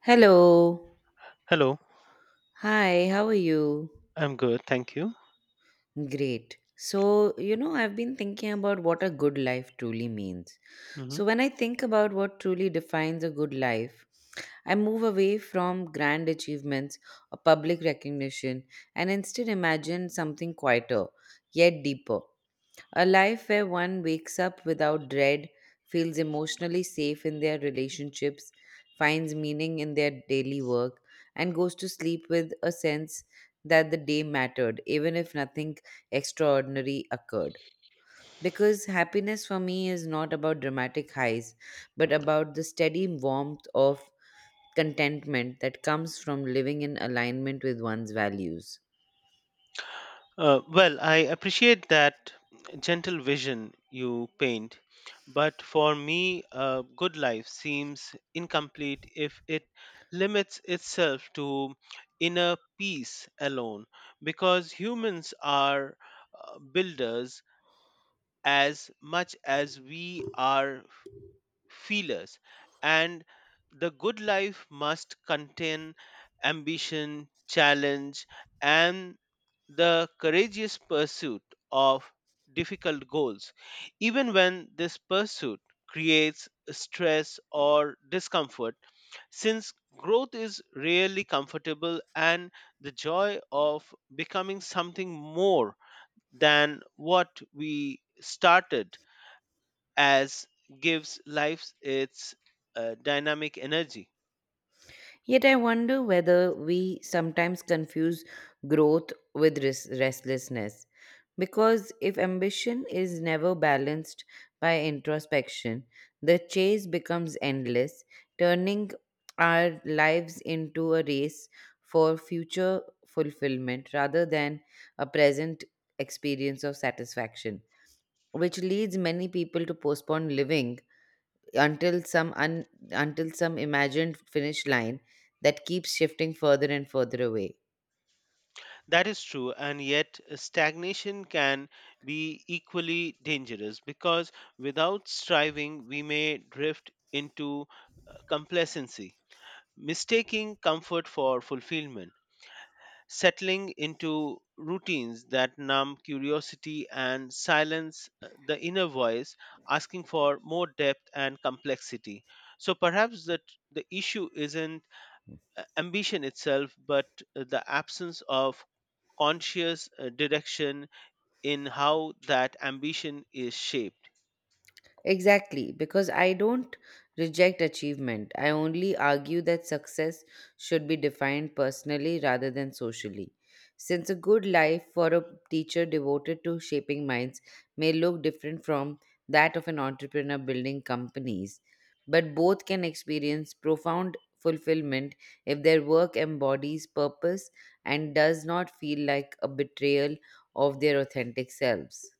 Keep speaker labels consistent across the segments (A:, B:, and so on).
A: Hello.
B: Hello,
A: Hi, how are you?
B: I'm good, thank you.
A: Great. So, you know, I've been thinking about what a good life truly means.
B: Mhm.
A: So, when I think about what truly defines a good life, I move away from grand achievements or public recognition and instead imagine something quieter, yet deeper. A life where one wakes up without dread, feels emotionally safe in their relationships, finds meaning in their daily work, and goes to sleep with a sense that the day mattered, even if nothing extraordinary occurred. Because happiness for me is not about dramatic highs, but about the steady warmth of contentment that comes from living in alignment with one's values.
B: I appreciate that gentle vision you paint, but for me, a good life seems incomplete if it limits itself to inner peace alone, because humans are builders as much as we are feelers, and the good life must contain ambition, challenge, and the courageous pursuit of difficult goals, even when this pursuit creates stress or discomfort, since growth is rarely comfortable and the joy of becoming something more than what we started as gives life its dynamic energy.
A: Yet I wonder whether we sometimes confuse growth with restlessness. Because if ambition is never balanced by introspection, the chase becomes endless, turning our lives into a race for future fulfillment rather than a present experience of satisfaction, which leads many people to postpone living until some imagined finish line that keeps shifting further and further away.
B: That is true, and yet stagnation can be equally dangerous because without striving, we may drift into complacency, mistaking comfort for fulfillment, settling into routines that numb curiosity and silence the inner voice, asking for more depth and complexity. So perhaps that the issue isn't ambition itself, but the absence of conscious direction in how that ambition is shaped.
A: Exactly, because I don't reject achievement. I only argue that success should be defined personally rather than socially. Since a good life for a teacher devoted to shaping minds may look different from that of an entrepreneur building companies, but both can experience profound fulfillment if their work embodies purpose and does not feel like a betrayal of their authentic selves.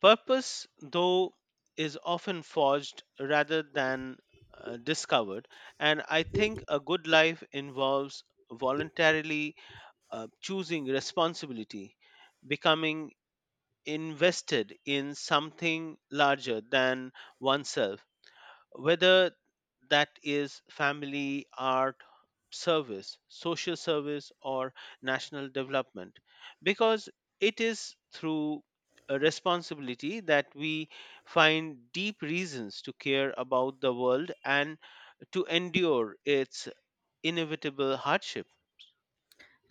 B: Purpose, though, is often forged rather than discovered, and I think a good life involves voluntarily choosing responsibility, becoming invested in something larger than oneself whether that is family, art, service, social service, or national development, because it is through a responsibility that we find deep reasons to care about the world and to endure its inevitable hardship.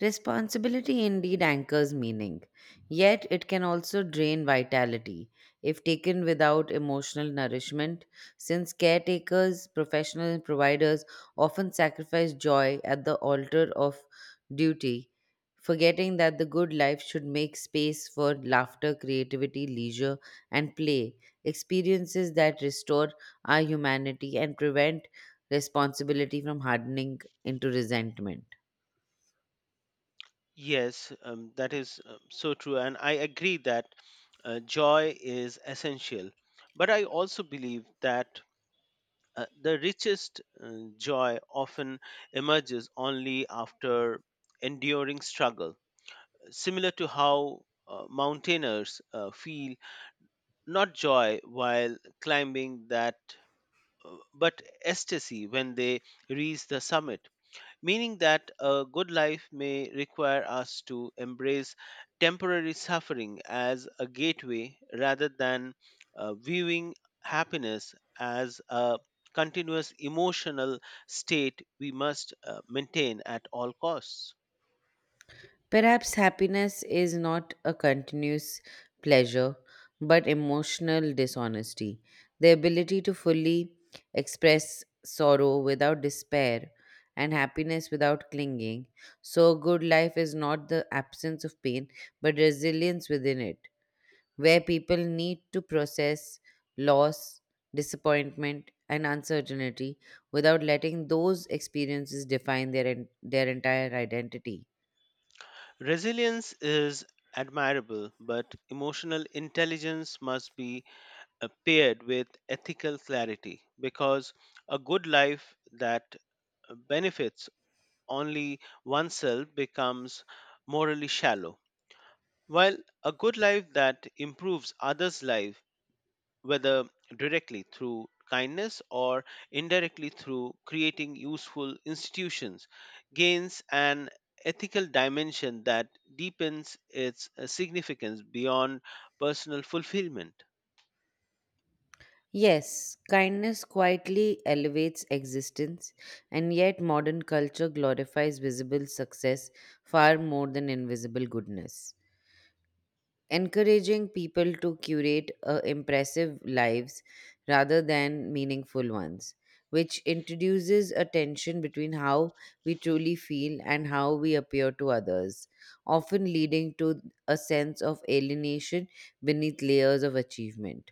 A: Responsibility indeed anchors meaning, yet it can also drain vitality if taken without emotional nourishment, since caretakers, professionals, and providers often sacrifice joy at the altar of duty, forgetting that the good life should make space for laughter, creativity, leisure, and play, experiences that restore our humanity and prevent responsibility from hardening into resentment.
B: Yes, that is so true, and I agree that joy is essential. But I also believe that the richest joy often emerges only after enduring struggle, similar to how mountaineers feel not joy while climbing, but ecstasy when they reach the summit meaning that a good life may require us to embrace temporary suffering as a gateway rather than viewing happiness as a continuous emotional state we must maintain at all costs.
A: Perhaps happiness is not a continuous pleasure, but emotional dishonesty. The ability to fully express sorrow without despair and happiness without clinging. So, a good life is not the absence of pain, but resilience within it, where people need to process loss, disappointment, and uncertainty without letting those experiences define their entire identity.
B: Resilience is admirable, but emotional intelligence must be paired with ethical clarity because a good life that benefits only oneself becomes morally shallow. While a good life that improves others' life, whether directly through kindness or indirectly through creating useful institutions, gains an ethical dimension that deepens its significance beyond personal fulfillment.
A: Yes, kindness quietly elevates existence, and yet modern culture glorifies visible success far more than invisible goodness. Encouraging people to curate impressive lives rather than meaningful ones, which introduces a tension between how we truly feel and how we appear to others, often leading to a sense of alienation beneath layers of achievement.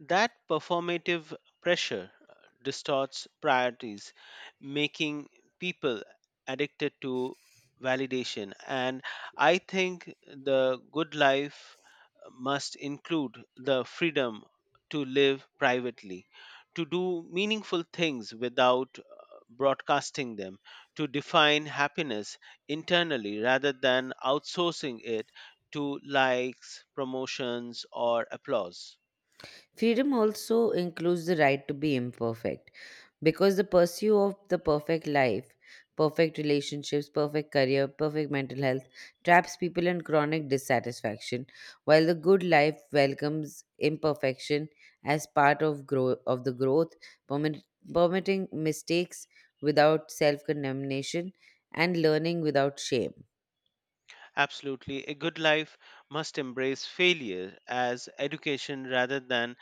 B: That performative pressure distorts priorities, making people addicted to validation. And I think the good life must include the freedom to live privately, to do meaningful things without broadcasting them, to define happiness internally rather than outsourcing it to likes, promotions, or applause.
A: Freedom also includes the right to be imperfect because the pursuit of the perfect life, perfect relationships, perfect career, perfect mental health traps people in chronic dissatisfaction, while the good life welcomes imperfection as part of the growth, permit- permitting mistakes without self-condemnation and learning without shame.
B: Absolutely. A good life must embrace failure as education rather than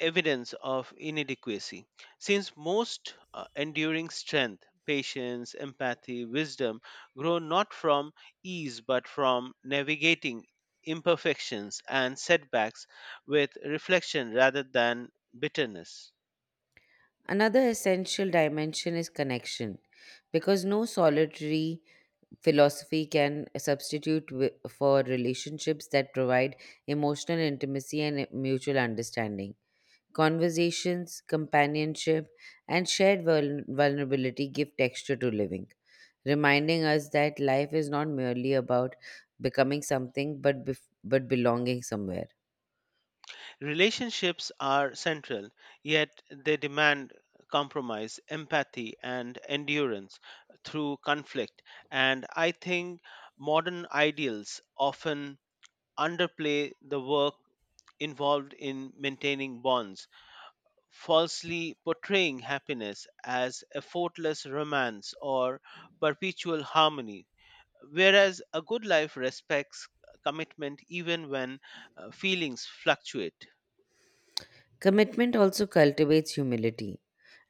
B: evidence of inadequacy. Since most enduring strength, patience, empathy, wisdom grow not from ease but from navigating imperfections and setbacks with reflection rather than bitterness.
A: Another essential dimension is connection because no solitary philosophy can substitute for relationships that provide emotional intimacy and mutual understanding. Conversations, companionship, and shared vulnerability give texture to living, reminding us that life is not merely about becoming something but belonging somewhere.
B: Relationships are central, yet they demand compromise, empathy, and endurance through conflict. And I think modern ideals often underplay the work involved in maintaining bonds, falsely portraying happiness as effortless romance or perpetual harmony. Whereas a good life respects commitment even when feelings fluctuate.
A: Commitment also cultivates humility,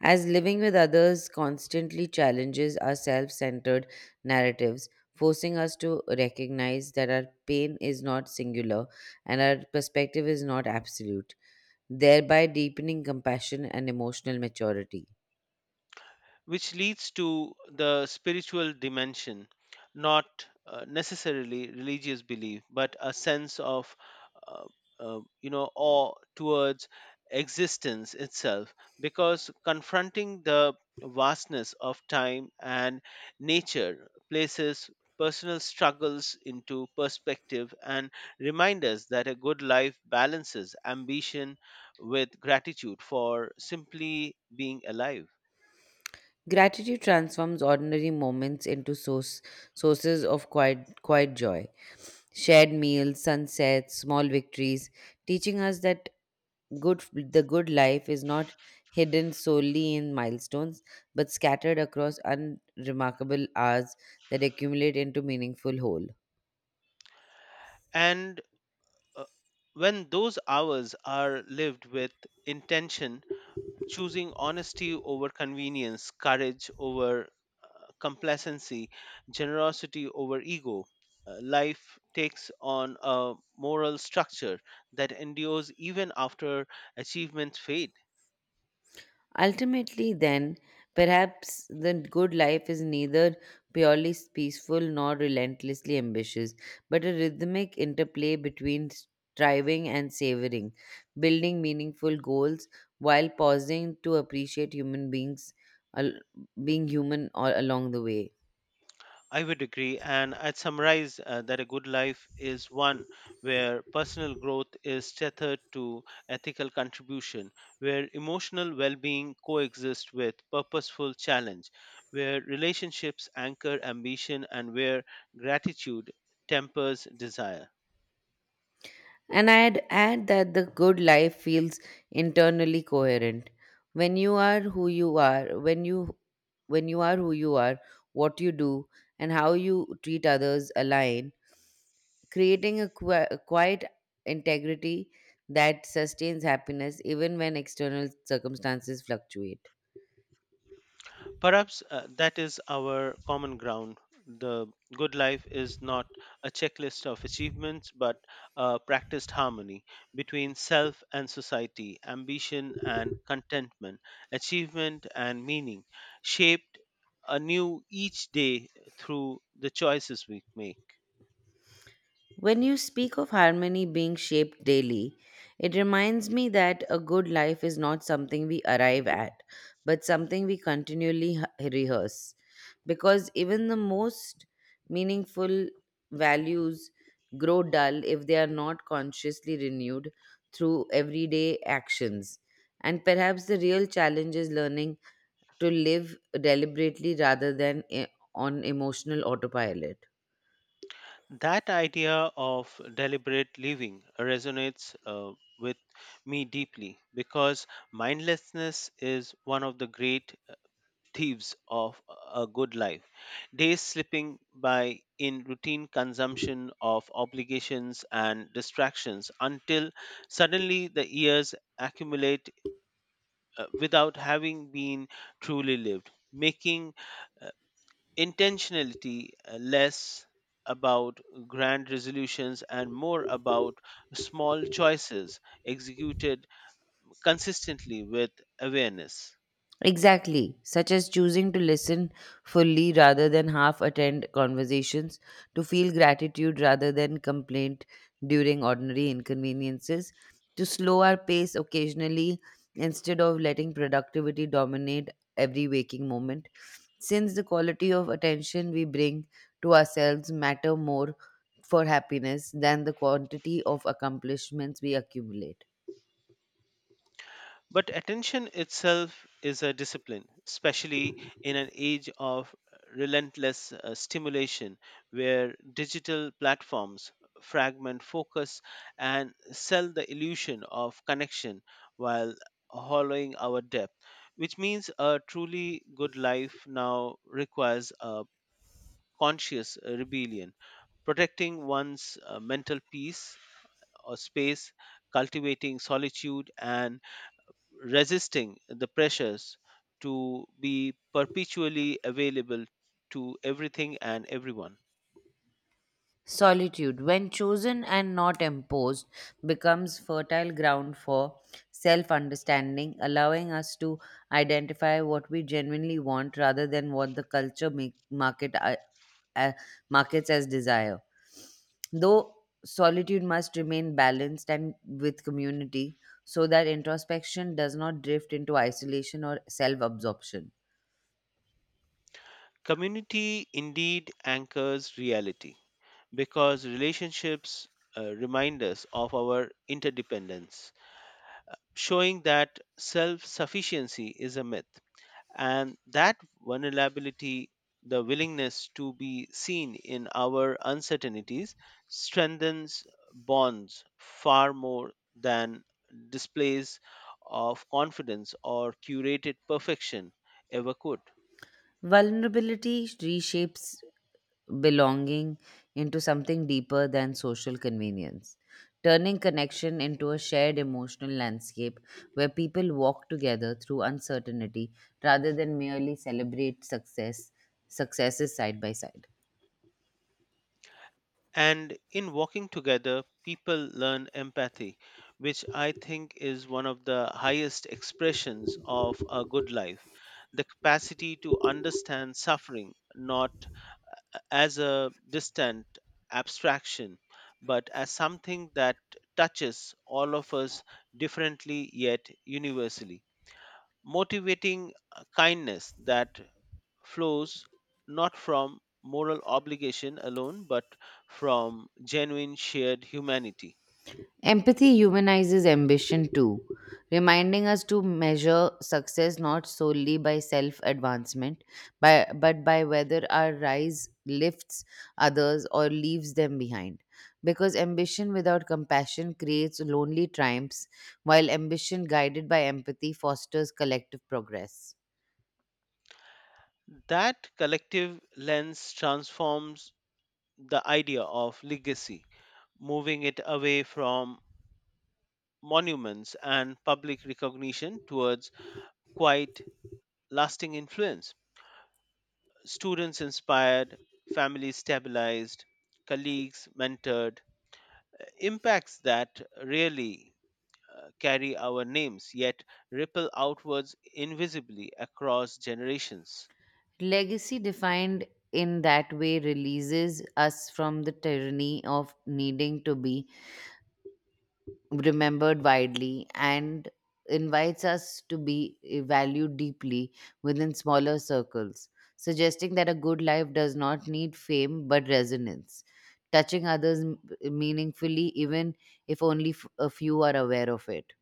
A: as living with others constantly challenges our self centered narratives, forcing us to recognize that our pain is not singular and our perspective is not absolute, thereby deepening compassion and emotional maturity.
B: Which leads to the spiritual dimension, not necessarily religious belief, but a sense of, uh, awe towards existence itself, because confronting the vastness of time and nature places personal struggles into perspective and remind us that a good life balances ambition with gratitude for simply being alive.
A: Gratitude transforms ordinary moments into sources of quiet joy. Shared meals, sunsets, small victories, teaching us that good the good life is not hidden solely in milestones but scattered across unremarkable hours that accumulate into meaningful whole.
B: And Uh, when those hours are lived with intention, choosing honesty over convenience, courage over uh, complacency, generosity over ego, life takes on a moral structure that endures even after achievements fade.
A: Ultimately then, perhaps the good life is neither purely peaceful nor relentlessly ambitious but a rhythmic interplay between striving and savoring, building meaningful goals while pausing to appreciate al- being human all along the way.
B: I would agree, and I'd summarize that a good life is one where personal growth is tethered to ethical contribution, where emotional well being coexists with purposeful challenge, where relationships anchor ambition, and where gratitude tempers desire.
A: And I'd add that the good life feels internally coherent. When you are who you are, when you when you are who you are, what you do and how you treat others align, creating a quiet integrity that sustains happiness even when external circumstances fluctuate.
B: Perhaps that is our common ground. The good life is not a checklist of achievements, but a practiced harmony between self and society, ambition and contentment, achievement and meaning, shaped anew each day through the choices we make.
A: When you speak of harmony being shaped daily, it reminds me that a good life is not something we arrive at, but something we continually rehearse. Because even the most meaningful values grow dull if they are not consciously renewed through everyday actions. And perhaps the real challenge is learning to live deliberately rather than on emotional autopilot.
B: That idea of deliberate living resonates with me deeply because mindlessness is one of the great thieves of a good life, days slipping by in routine consumption of obligations and distractions until suddenly the years accumulate without having been truly lived, making uh, intentionality less about grand resolutions and more about small choices executed consistently with awareness.
A: Exactly, such as choosing to listen fully rather than half attend conversations, to feel gratitude rather than complaint during ordinary inconveniences, to slow our pace occasionally instead of letting productivity dominate every waking moment. Since the quality of attention we bring to ourselves matter more for happiness than the quantity of accomplishments we accumulate.
B: But attention itself is a discipline, especially in an age of relentless stimulation where digital platforms fragment focus and sell the illusion of connection while hollowing our depth, which means a truly good life now requires a conscious rebellion, protecting one's mental peace or space, cultivating solitude and resisting the pressures to be perpetually available to everything and everyone.
A: Solitude, when chosen and not imposed, becomes fertile ground for self understanding, allowing us to identify what we genuinely want rather than what the uh, markets as desire. Though solitude must remain balanced and with community so that introspection does not drift into isolation or self absorption.
B: Community indeed anchors reality because relationships remind us of our interdependence, showing that self sufficiency is a myth. And that vulnerability, the willingness to be seen in our uncertainties, strengthens bonds far more than displays of confidence or curated perfection ever could.
A: Vulnerability reshapes belonging into something deeper than social convenience, turning connection into a shared emotional landscape where people walk together through uncertainty rather than merely celebrate success successes side by side.
B: And in walking together, people learn empathy, which I think is one of the highest expressions of a good life the capacity to understand suffering, not as a distant abstraction, but as something that touches all of us differently yet universally, motivating kindness that flows not from moral obligation alone, but from genuine shared humanity.
A: Empathy humanizes ambition too, reminding us to measure success not solely by self advancement, but by whether our rise lifts others or leaves them behind. Because ambition without compassion creates lonely triumphs, while ambition guided by empathy fosters collective progress.
B: That collective lens transforms the idea of legacy, moving it away from monuments and public recognition towards quite lasting influence. Students inspired, families stabilized, colleagues mentored, impacts that rarely carry our names yet ripple outwards invisibly across generations.
A: Legacy defined in that way releases us from the tyranny of needing to be remembered widely and invites us to be valued deeply within smaller circles, suggesting that a good life does not need fame but resonance, touching others meaningfully, even if only a few are aware of it.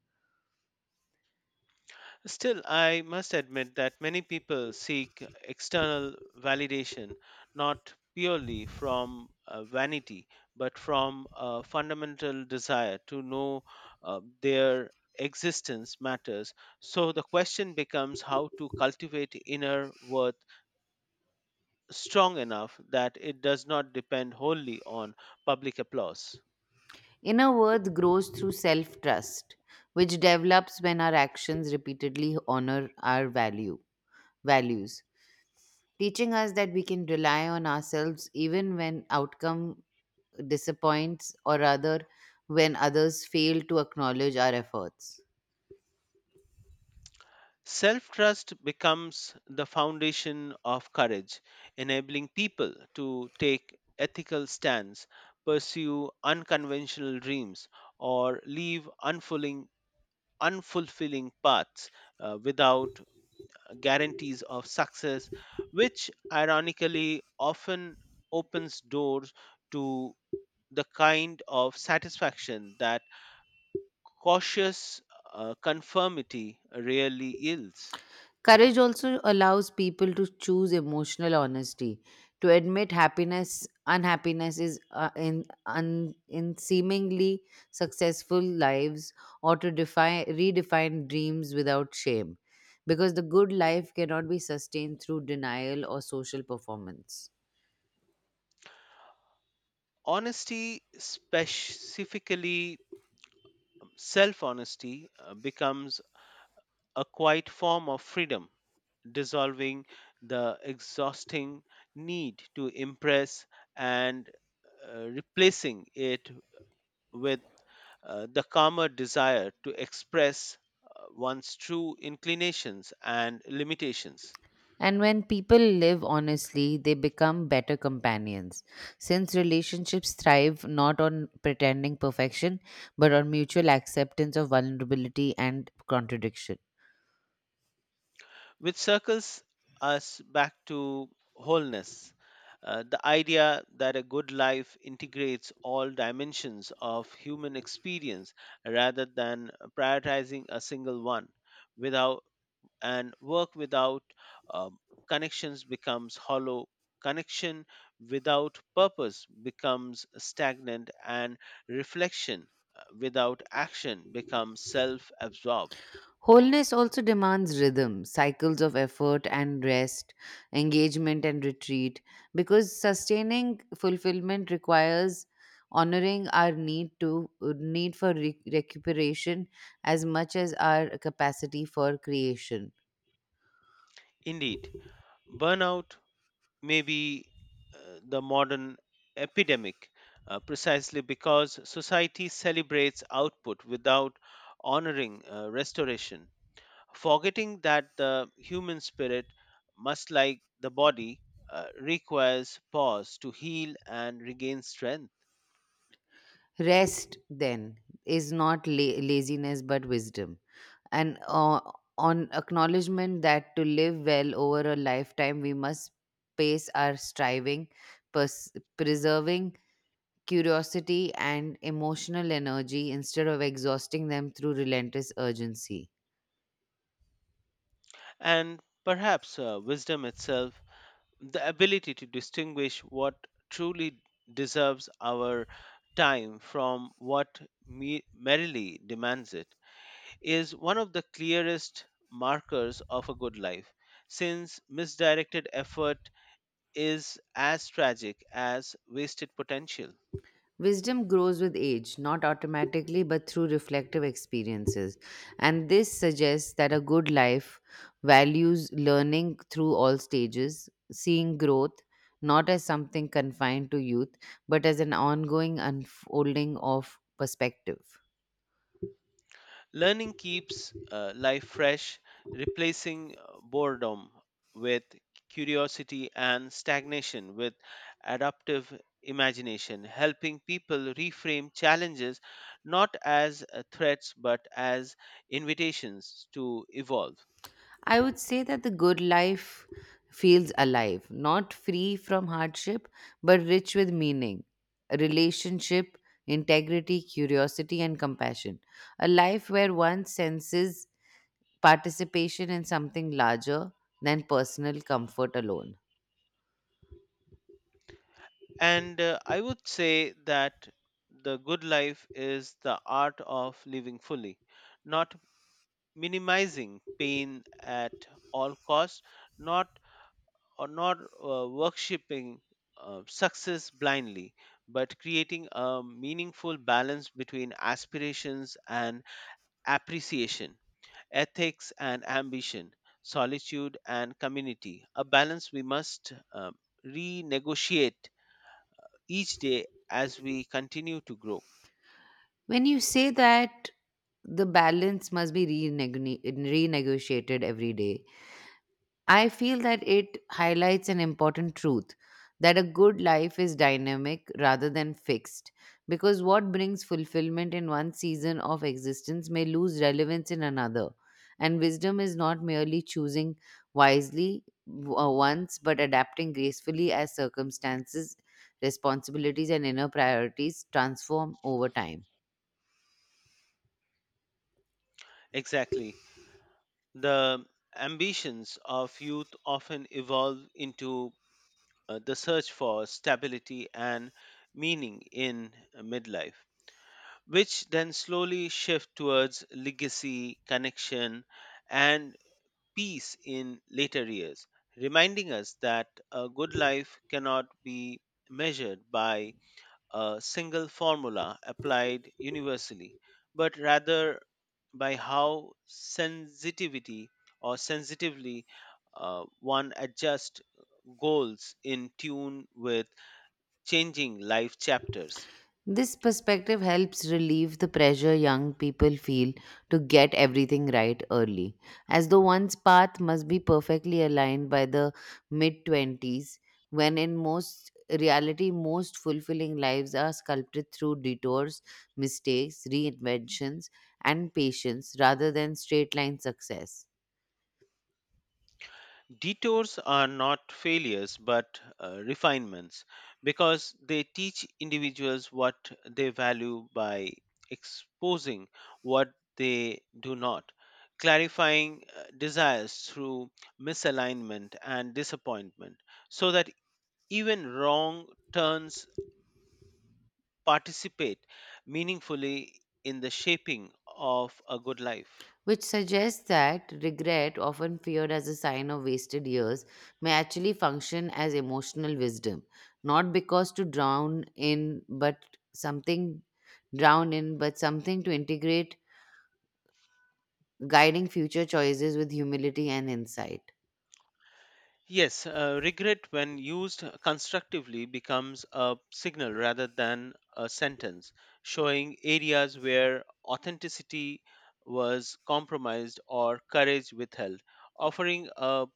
B: Still, I must admit that many people seek external validation not purely from vanity but from a fundamental desire to know their existence matters. So the question becomes how to cultivate inner worth strong enough that it does not depend wholly on public applause.
A: Inner worth grows through self trust, which develops when our actions repeatedly honor our values, teaching us that we can rely on ourselves even when outcome disappoints or rather when others fail to acknowledge our efforts.
B: Self trust becomes the foundation of courage, enabling people to take ethical stands, pursue unconventional dreams, or leave unfulfilling paths without guarantees of success, which ironically often opens doors to the kind of satisfaction that cautious conformity rarely yields.
A: Courage also allows people to choose emotional honesty, to admit unhappiness in seemingly successful lives, or to redefine dreams without shame, because the good life cannot be sustained through denial or social performance.
B: Honesty, specifically self honesty, becomes a quiet form of freedom, dissolving the exhausting need to impress and replacing it with the calmer desire to express one's true inclinations and limitations.
A: And when people live honestly, they become better companions. Since relationships thrive not on pretending perfection, but on mutual acceptance of vulnerability and contradiction.
B: Which circles us back to wholeness. The idea that a good life integrates all dimensions of human experience rather than prioritizing a single one without and work without um, connections becomes hollow, connection without purpose becomes stagnant and reflection without action becomes self-absorbed.
A: Wholeness also demands rhythm, cycles of effort and rest, engagement and retreat, because sustaining fulfillment requires honoring our need for recuperation as much as our capacity for creation.
B: Indeed burnout maybe the modern epidemic, precisely because society celebrates output without honoring restoration, forgetting that the human spirit, must like the body, requires pause to heal and regain strength.
A: Rest, then, is not laziness but wisdom. And on acknowledgement that to live well over a lifetime, we must pace our striving, pers- preserving curiosity and emotional energy instead of exhausting them through relentless urgency.
B: And perhaps wisdom itself, the ability to distinguish what truly deserves our time from what merely demands it, is one of the clearest markers of a good life, since misdirected effort is as tragic as wasted potential.
A: Wisdom grows with age, not automatically, but through reflective experiences. And this suggests that a good life values learning through all stages, seeing growth not as something confined to youth, but as an ongoing unfolding of perspective.
B: Learning keeps life fresh, replacing boredom with curiosity and stagnation with adaptive imagination, helping people reframe challenges not as threats but as invitations to evolve.
A: I would say that the good life feels alive, not free from hardship, but rich with meaning, relationship, integrity, curiosity, and compassion. A life where one senses participation in something larger than personal comfort alone.
B: And I would say that the good life is the art of living fully, not minimizing pain at all costs, not or not worshipping success blindly, but creating a meaningful balance between aspirations and appreciation, ethics and ambition, solitude and community. A balance we must renegotiate each day as we continue to grow.
A: When you say that, the balance must be renegotiated every day, I feel that it highlights an important truth that a good life is dynamic rather than fixed, because what brings fulfillment in one season of existence may lose relevance in another. And wisdom is not merely choosing wisely once, but adapting gracefully as circumstances, responsibilities, and inner priorities transform over time.
B: Exactly. The ambitions of youth often evolve into the search for stability and meaning in midlife, which then slowly shift towards legacy, connection, and peace in later years, reminding us that a good life cannot be measured by a single formula applied universally, but rather by how sensitivity or sensitively one adjusts goals in tune with changing life chapters.
A: This perspective helps relieve the pressure young people feel to get everything right early, as though one's path must be perfectly aligned by the mid 20s, when in most reality, most fulfilling lives are sculpted through detours, mistakes, reinventions, and patience rather than straight line success.
B: Detours are not failures but refinements because they teach individuals what they value by exposing what they do not, clarifying desires through misalignment and disappointment, so that even wrong turns participate meaningfully in the shaping of a good life.
A: Which suggests that regret, often feared as a sign of wasted years, may actually function as emotional wisdom, not because to drown in, but something drown in, but something to integrate, guiding future choices with humility and insight.
B: Yes, regret when used constructively becomes a signal rather than a sentence, showing areas where authenticity was compromised or courage withheld, offering a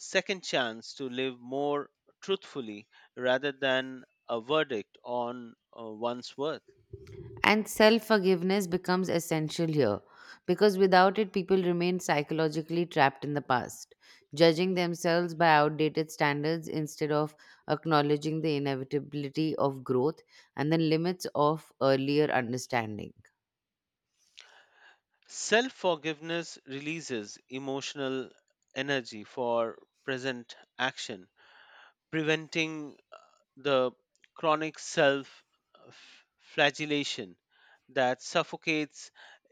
B: second chance to live more truthfully rather than a verdict on one's worth.
A: And self forgiveness becomes essential here because without it, people remain psychologically trapped in the past, judging themselves by outdated standards instead of acknowledging the inevitability of growth and the limits of earlier understanding.
B: Self forgiveness releases emotional energy for present action, preventing the chronic self flagellation that suffocates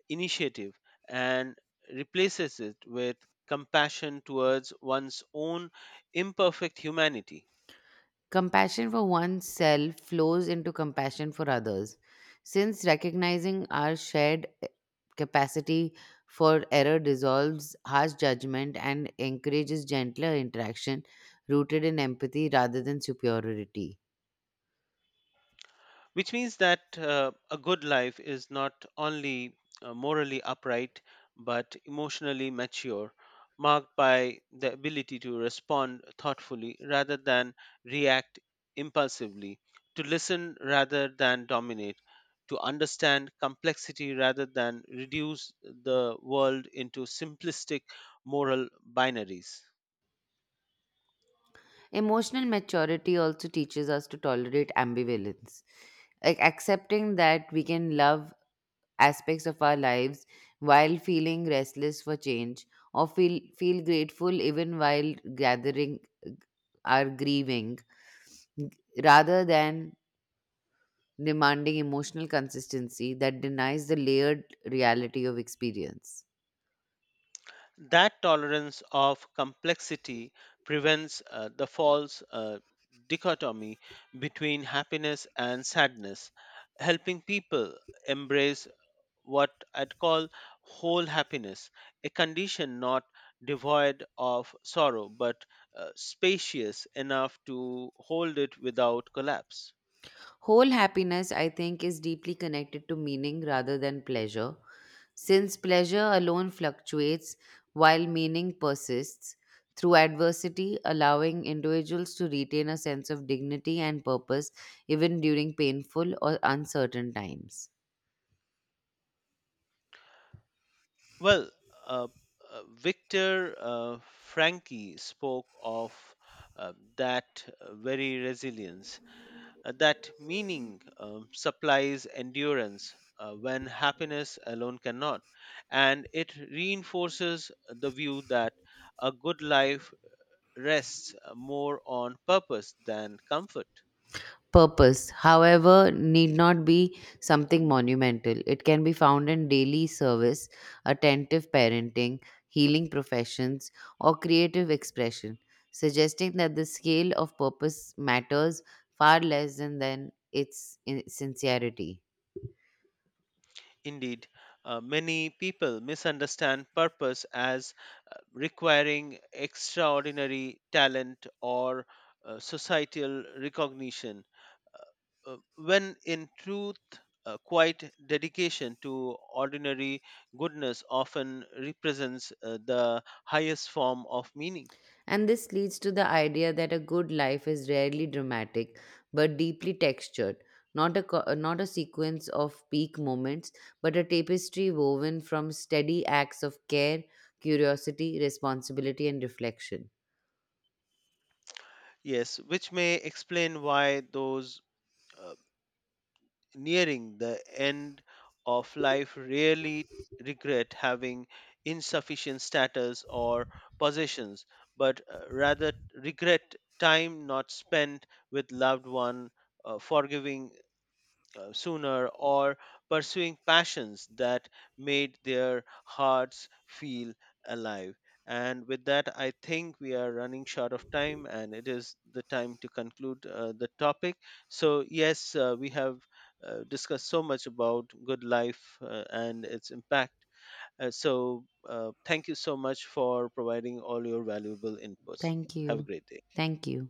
B: initiative and replaces it with compassion towards one's own imperfect humanity.
A: Compassion for oneself flows into compassion for others. Since recognizing our shared capacity for error dissolves harsh judgment and encourages gentler interaction rooted in empathy rather than superiority.
B: Which means that a good life is not only morally upright but emotionally mature marked by the ability to respond thoughtfully rather than react impulsively to listen rather than dominate to understand complexity rather than reduce the world into simplistic moral binaries.
A: Emotional maturity also teaches us to tolerate ambivalence. Like accepting that we can love aspects of our lives while feeling restless for change, or feel grateful even while gathering are grieving, g- rather than demanding emotional consistency that denies the layered reality of experience.
B: That tolerance of complexity prevents the false dichotomy between happiness and sadness, helping people embrace what I'd call whole happiness, a condition not devoid of sorrow but spacious enough to hold it without collapse.
A: Whole happiness, I think, is deeply connected to meaning rather than pleasure. Since pleasure alone fluctuates while meaning persists through adversity, allowing individuals to retain a sense of dignity and purpose even during painful or uncertain times.
B: Well, uh, Victor Frankie spoke of that very resilience that meaning supplies endurance when happiness alone cannot and it reinforces the view that a good life rests more on purpose than comfort.
A: Purpose, however, need not be something monumental. It can be found in daily service, attentive parenting, healing professions, or creative expression, suggesting that the scale of purpose matters far less than its sincerity.
B: Indeed many people misunderstand purpose as requiring extraordinary talent or societal recognition when in truth, quiet dedication to ordinary goodness often represents the highest form of meaning.
A: And this leads to the idea that a good life is rarely dramatic but deeply textured, not a sequence of peak moments, but a tapestry woven from steady acts of care, curiosity, responsibility, and reflection.
B: Yes, which may explain why those uh, nearing the end of life rarely regret having insufficient status or possessions, but rather regret time not spent with loved one, forgiving sooner or pursuing passions that made their hearts feel alive. And with that, I think we are running short of time and it is the time to conclude the topic. So, yes, we have discussed so much about good life and its impact. So, thank you so much for providing all your valuable inputs.
A: Thank
B: Have a
A: you.
B: great day.
A: Thank you.